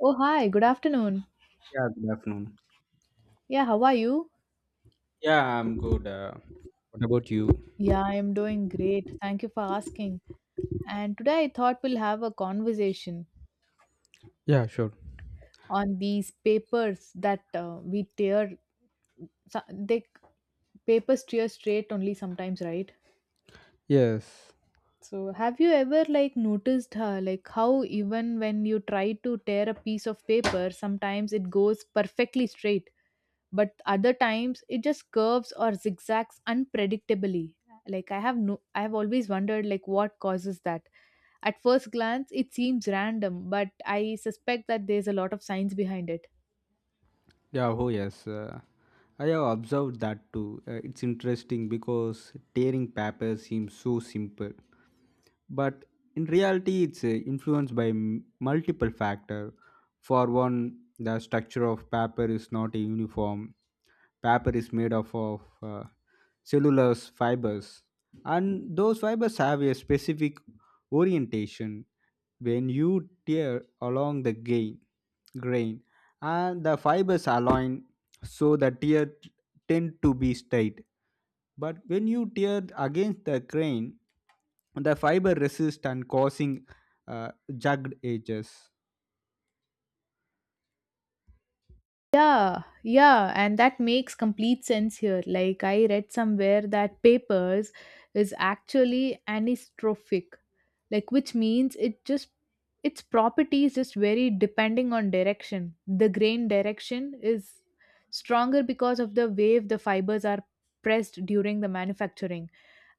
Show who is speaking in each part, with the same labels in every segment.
Speaker 1: Oh, hi, good afternoon.
Speaker 2: Yeah, good afternoon.
Speaker 1: Yeah, how are you?
Speaker 2: Yeah, I'm good. What about you?
Speaker 1: Yeah, I'm doing great. Thank you for asking. And today I thought we'll have a conversation
Speaker 2: Yeah, sure.
Speaker 1: on these papers that we tear, so- they papers tear straight only sometimes, right?
Speaker 2: Yes.
Speaker 1: So, have you ever like noticed like how even when you try to tear a piece of paper, sometimes it goes perfectly straight, but other times it just curves or zigzags unpredictably. Like I have no, I have always wondered like what causes that. At first glance, it seems random, but I suspect that there's a lot of science behind it.
Speaker 2: Yeah, oh yes. I have observed that too. It's interesting because tearing paper seems so simple, but in reality it's influenced by multiple factors. For one, the structure of paper is not a uniform. Paper is made up of cellulose fibers, and those fibers have a specific orientation. When you tear along the gain, grain, and the fibers align, so the tear tend to be straight, but when you tear against the grain, the fiber resists and causing jagged edges.
Speaker 1: Yeah, yeah, and that makes complete sense here. Like, I read somewhere that papers is actually anistrophic, like, which means it just its properties just vary depending on direction. The grain direction is stronger because of the wave the fibers are pressed during the manufacturing.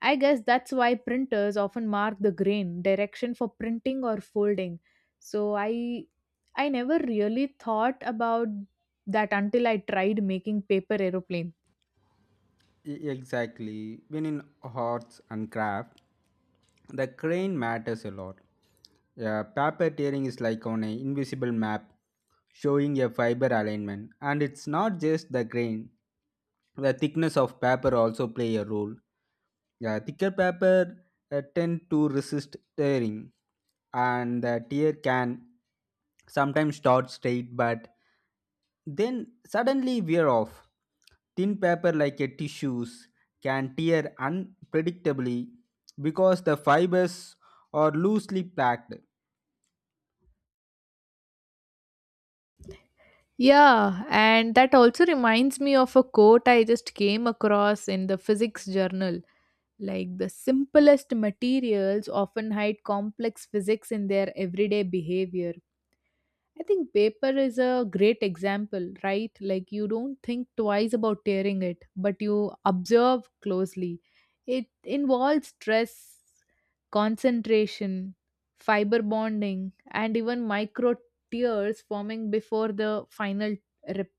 Speaker 1: I guess that's why printers often mark the grain direction for printing or folding. So I never really thought about that until I tried making paper aeroplane.
Speaker 2: Exactly. When in arts and craft, the crane matters a lot. A paper tearing is like on an invisible map showing a fiber alignment, and it's not just the grain. The thickness of paper also play a role. The thicker paper tend to resist tearing, and the tear can sometimes start straight but then suddenly wear off. Thin paper like a tissues can tear unpredictably because the fibers are loosely packed.
Speaker 1: Yeah, and that also reminds me of a quote I just came across in the physics journal. Like, the simplest materials often hide complex physics in their everyday behavior. I think paper is a great example, right? Like you don't think twice about tearing it, but you observe closely. It involves stress, concentration, fiber bonding, and even micro tears forming before the final rip.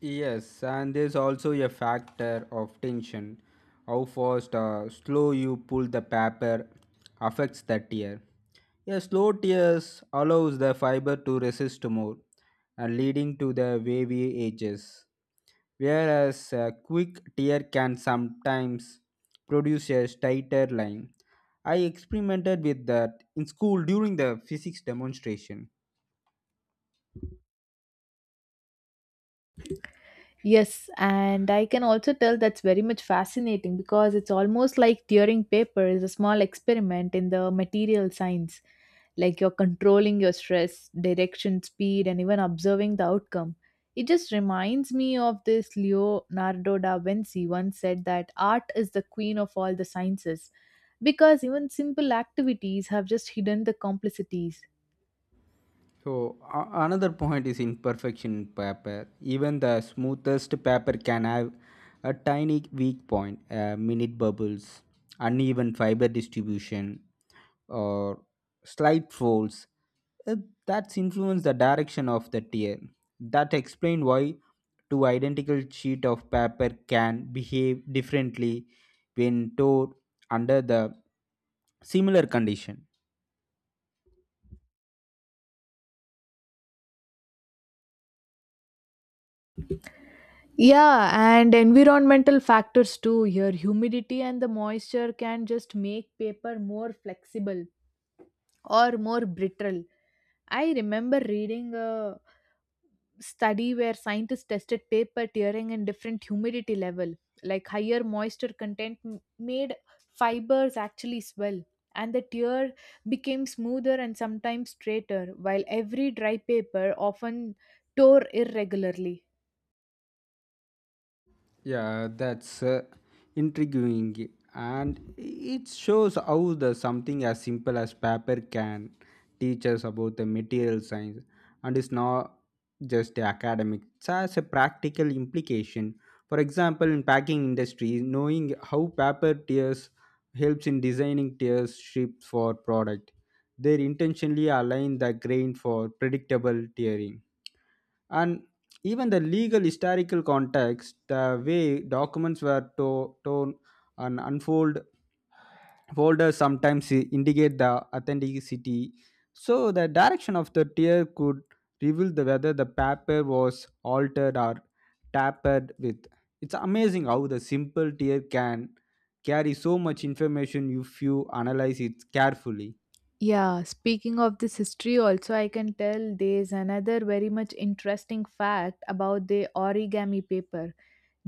Speaker 2: Yes, and there's also a factor of tension. How fast or slow you pull the paper affects the tear. A slow tears allows the fiber to resist more and leading to the wavy edges. Whereas a quick tear can sometimes produce a tighter line. I experimented with that in school during the physics demonstration.
Speaker 1: Yes, and I can also tell that's very much fascinating because it's almost like tearing paper is a small experiment in the material science, like you're controlling your stress, direction, speed, and even observing the outcome. It just reminds me of this Leonardo da Vinci once said that art is the queen of all the sciences, because even simple activities have just hidden the complicities.
Speaker 2: So, another point is imperfection in paper. Even the smoothest paper can have a tiny weak point, minute bubbles, uneven fiber distribution, or slight folds. Uh, that's influence the direction of the tear. That explain why two identical sheet of paper can behave differently when stored under the similar condition.
Speaker 1: Yeah, and environmental factors too. Here, humidity and the moisture can just make paper more flexible or more brittle. I remember reading a study where scientists tested paper tearing in different humidity level, like higher moisture content made fibers actually swell and the tear became smoother and sometimes straighter, while every dry paper often tore irregularly.
Speaker 2: Yeah, that's intriguing, and it shows how the something as simple as paper can teach us about the material science, and it's not just academic. It has a practical implication. For example, in packing industry, knowing how paper tiers helps in designing tiers ships for product. They intentionally align the grain for predictable tiering, and even the legal historical context, the way documents were torn and unfold folders sometimes indicate the authenticity. So the direction of the tear could reveal the whether the paper was altered or tampered with. It's amazing how the simple tear can carry so much information if you analyze it carefully.
Speaker 1: Yeah, speaking of this history, also, I can tell there's another very much interesting fact about the origami paper.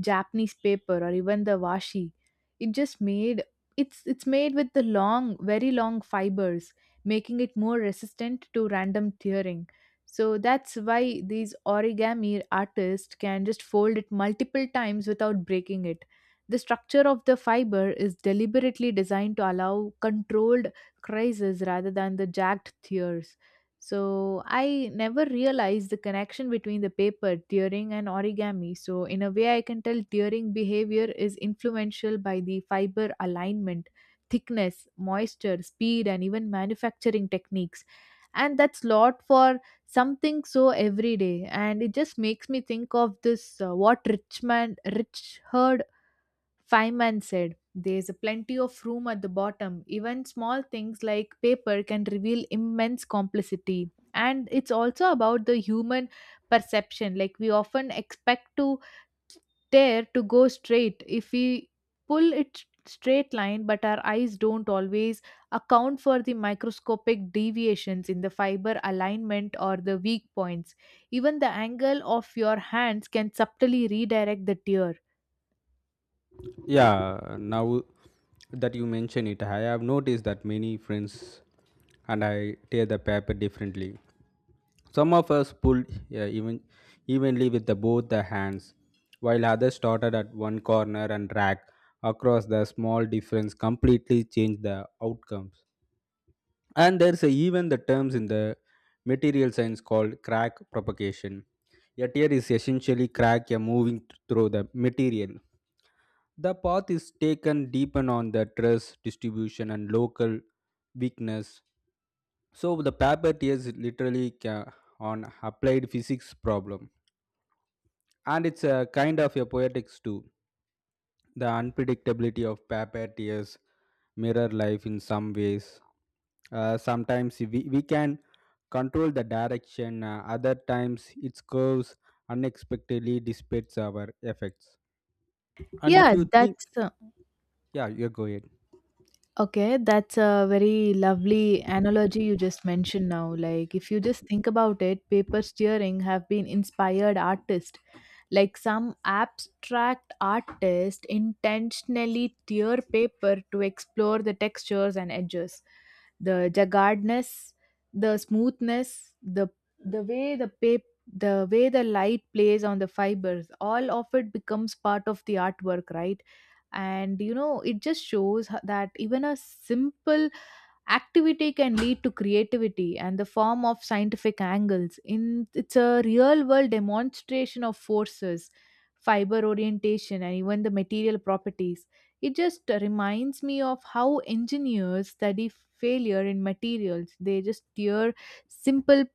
Speaker 1: Japanese paper or even the washi. It just made, it's made with the long, very long fibers, making it more resistant to random tearing. So that's why these origami artists can just fold it multiple times without breaking it. The structure of the fiber is deliberately designed to allow controlled creases rather than the jagged tears. So I never realized the connection between the paper, tearing, and origami. So, in a way, I can tell tearing behavior is influential by the fiber alignment, thickness, moisture, speed, and even manufacturing techniques. And that's lot for something so everyday. And it just makes me think of this what Richard Feynman said, there's a plenty of room at the bottom. Even small things like paper can reveal immense complicity. And it's also about the human perception. Like we often expect to tear to go straight if we pull it straight line, but our eyes don't always account for the microscopic deviations in the fiber alignment or the weak points. Even the angle of your hands can subtly redirect the tear.
Speaker 2: Yeah, now that you mention it, I have noticed that many friends and I tear the paper differently. Some of us pulled, yeah, even evenly with the, both the hands, while others started at one corner and dragged across. The small difference completely changed the outcomes. And there's a, even the terms in the material science called crack propagation. A tear is essentially crack a moving through the material. The path is taken deepen on the trust, distribution, and local weakness. So the paper is literally on applied physics problem, and it's a kind of a poetics too. The unpredictability of paper tears mirror life in some ways. Sometimes we can control the direction, other times its curves unexpectedly dissipates our effects. And if
Speaker 1: Yeah,
Speaker 2: you think,
Speaker 1: that's
Speaker 2: yeah, you go ahead.
Speaker 1: Okay, that's a very lovely analogy you just mentioned now. Like, if you just think about it, paper steering have been inspired artists, like some abstract artist intentionally tear paper to explore the textures and edges, the jaggedness, the smoothness, the way the paper, the way the light plays on the fibers, all of it becomes part of the artwork, right? And you know it just shows that even a simple activity can lead to creativity and the form of scientific angles. In it's a real world demonstration of forces, fiber orientation, and even the material properties. It just reminds me of how engineers study failure in materials. They just tear simple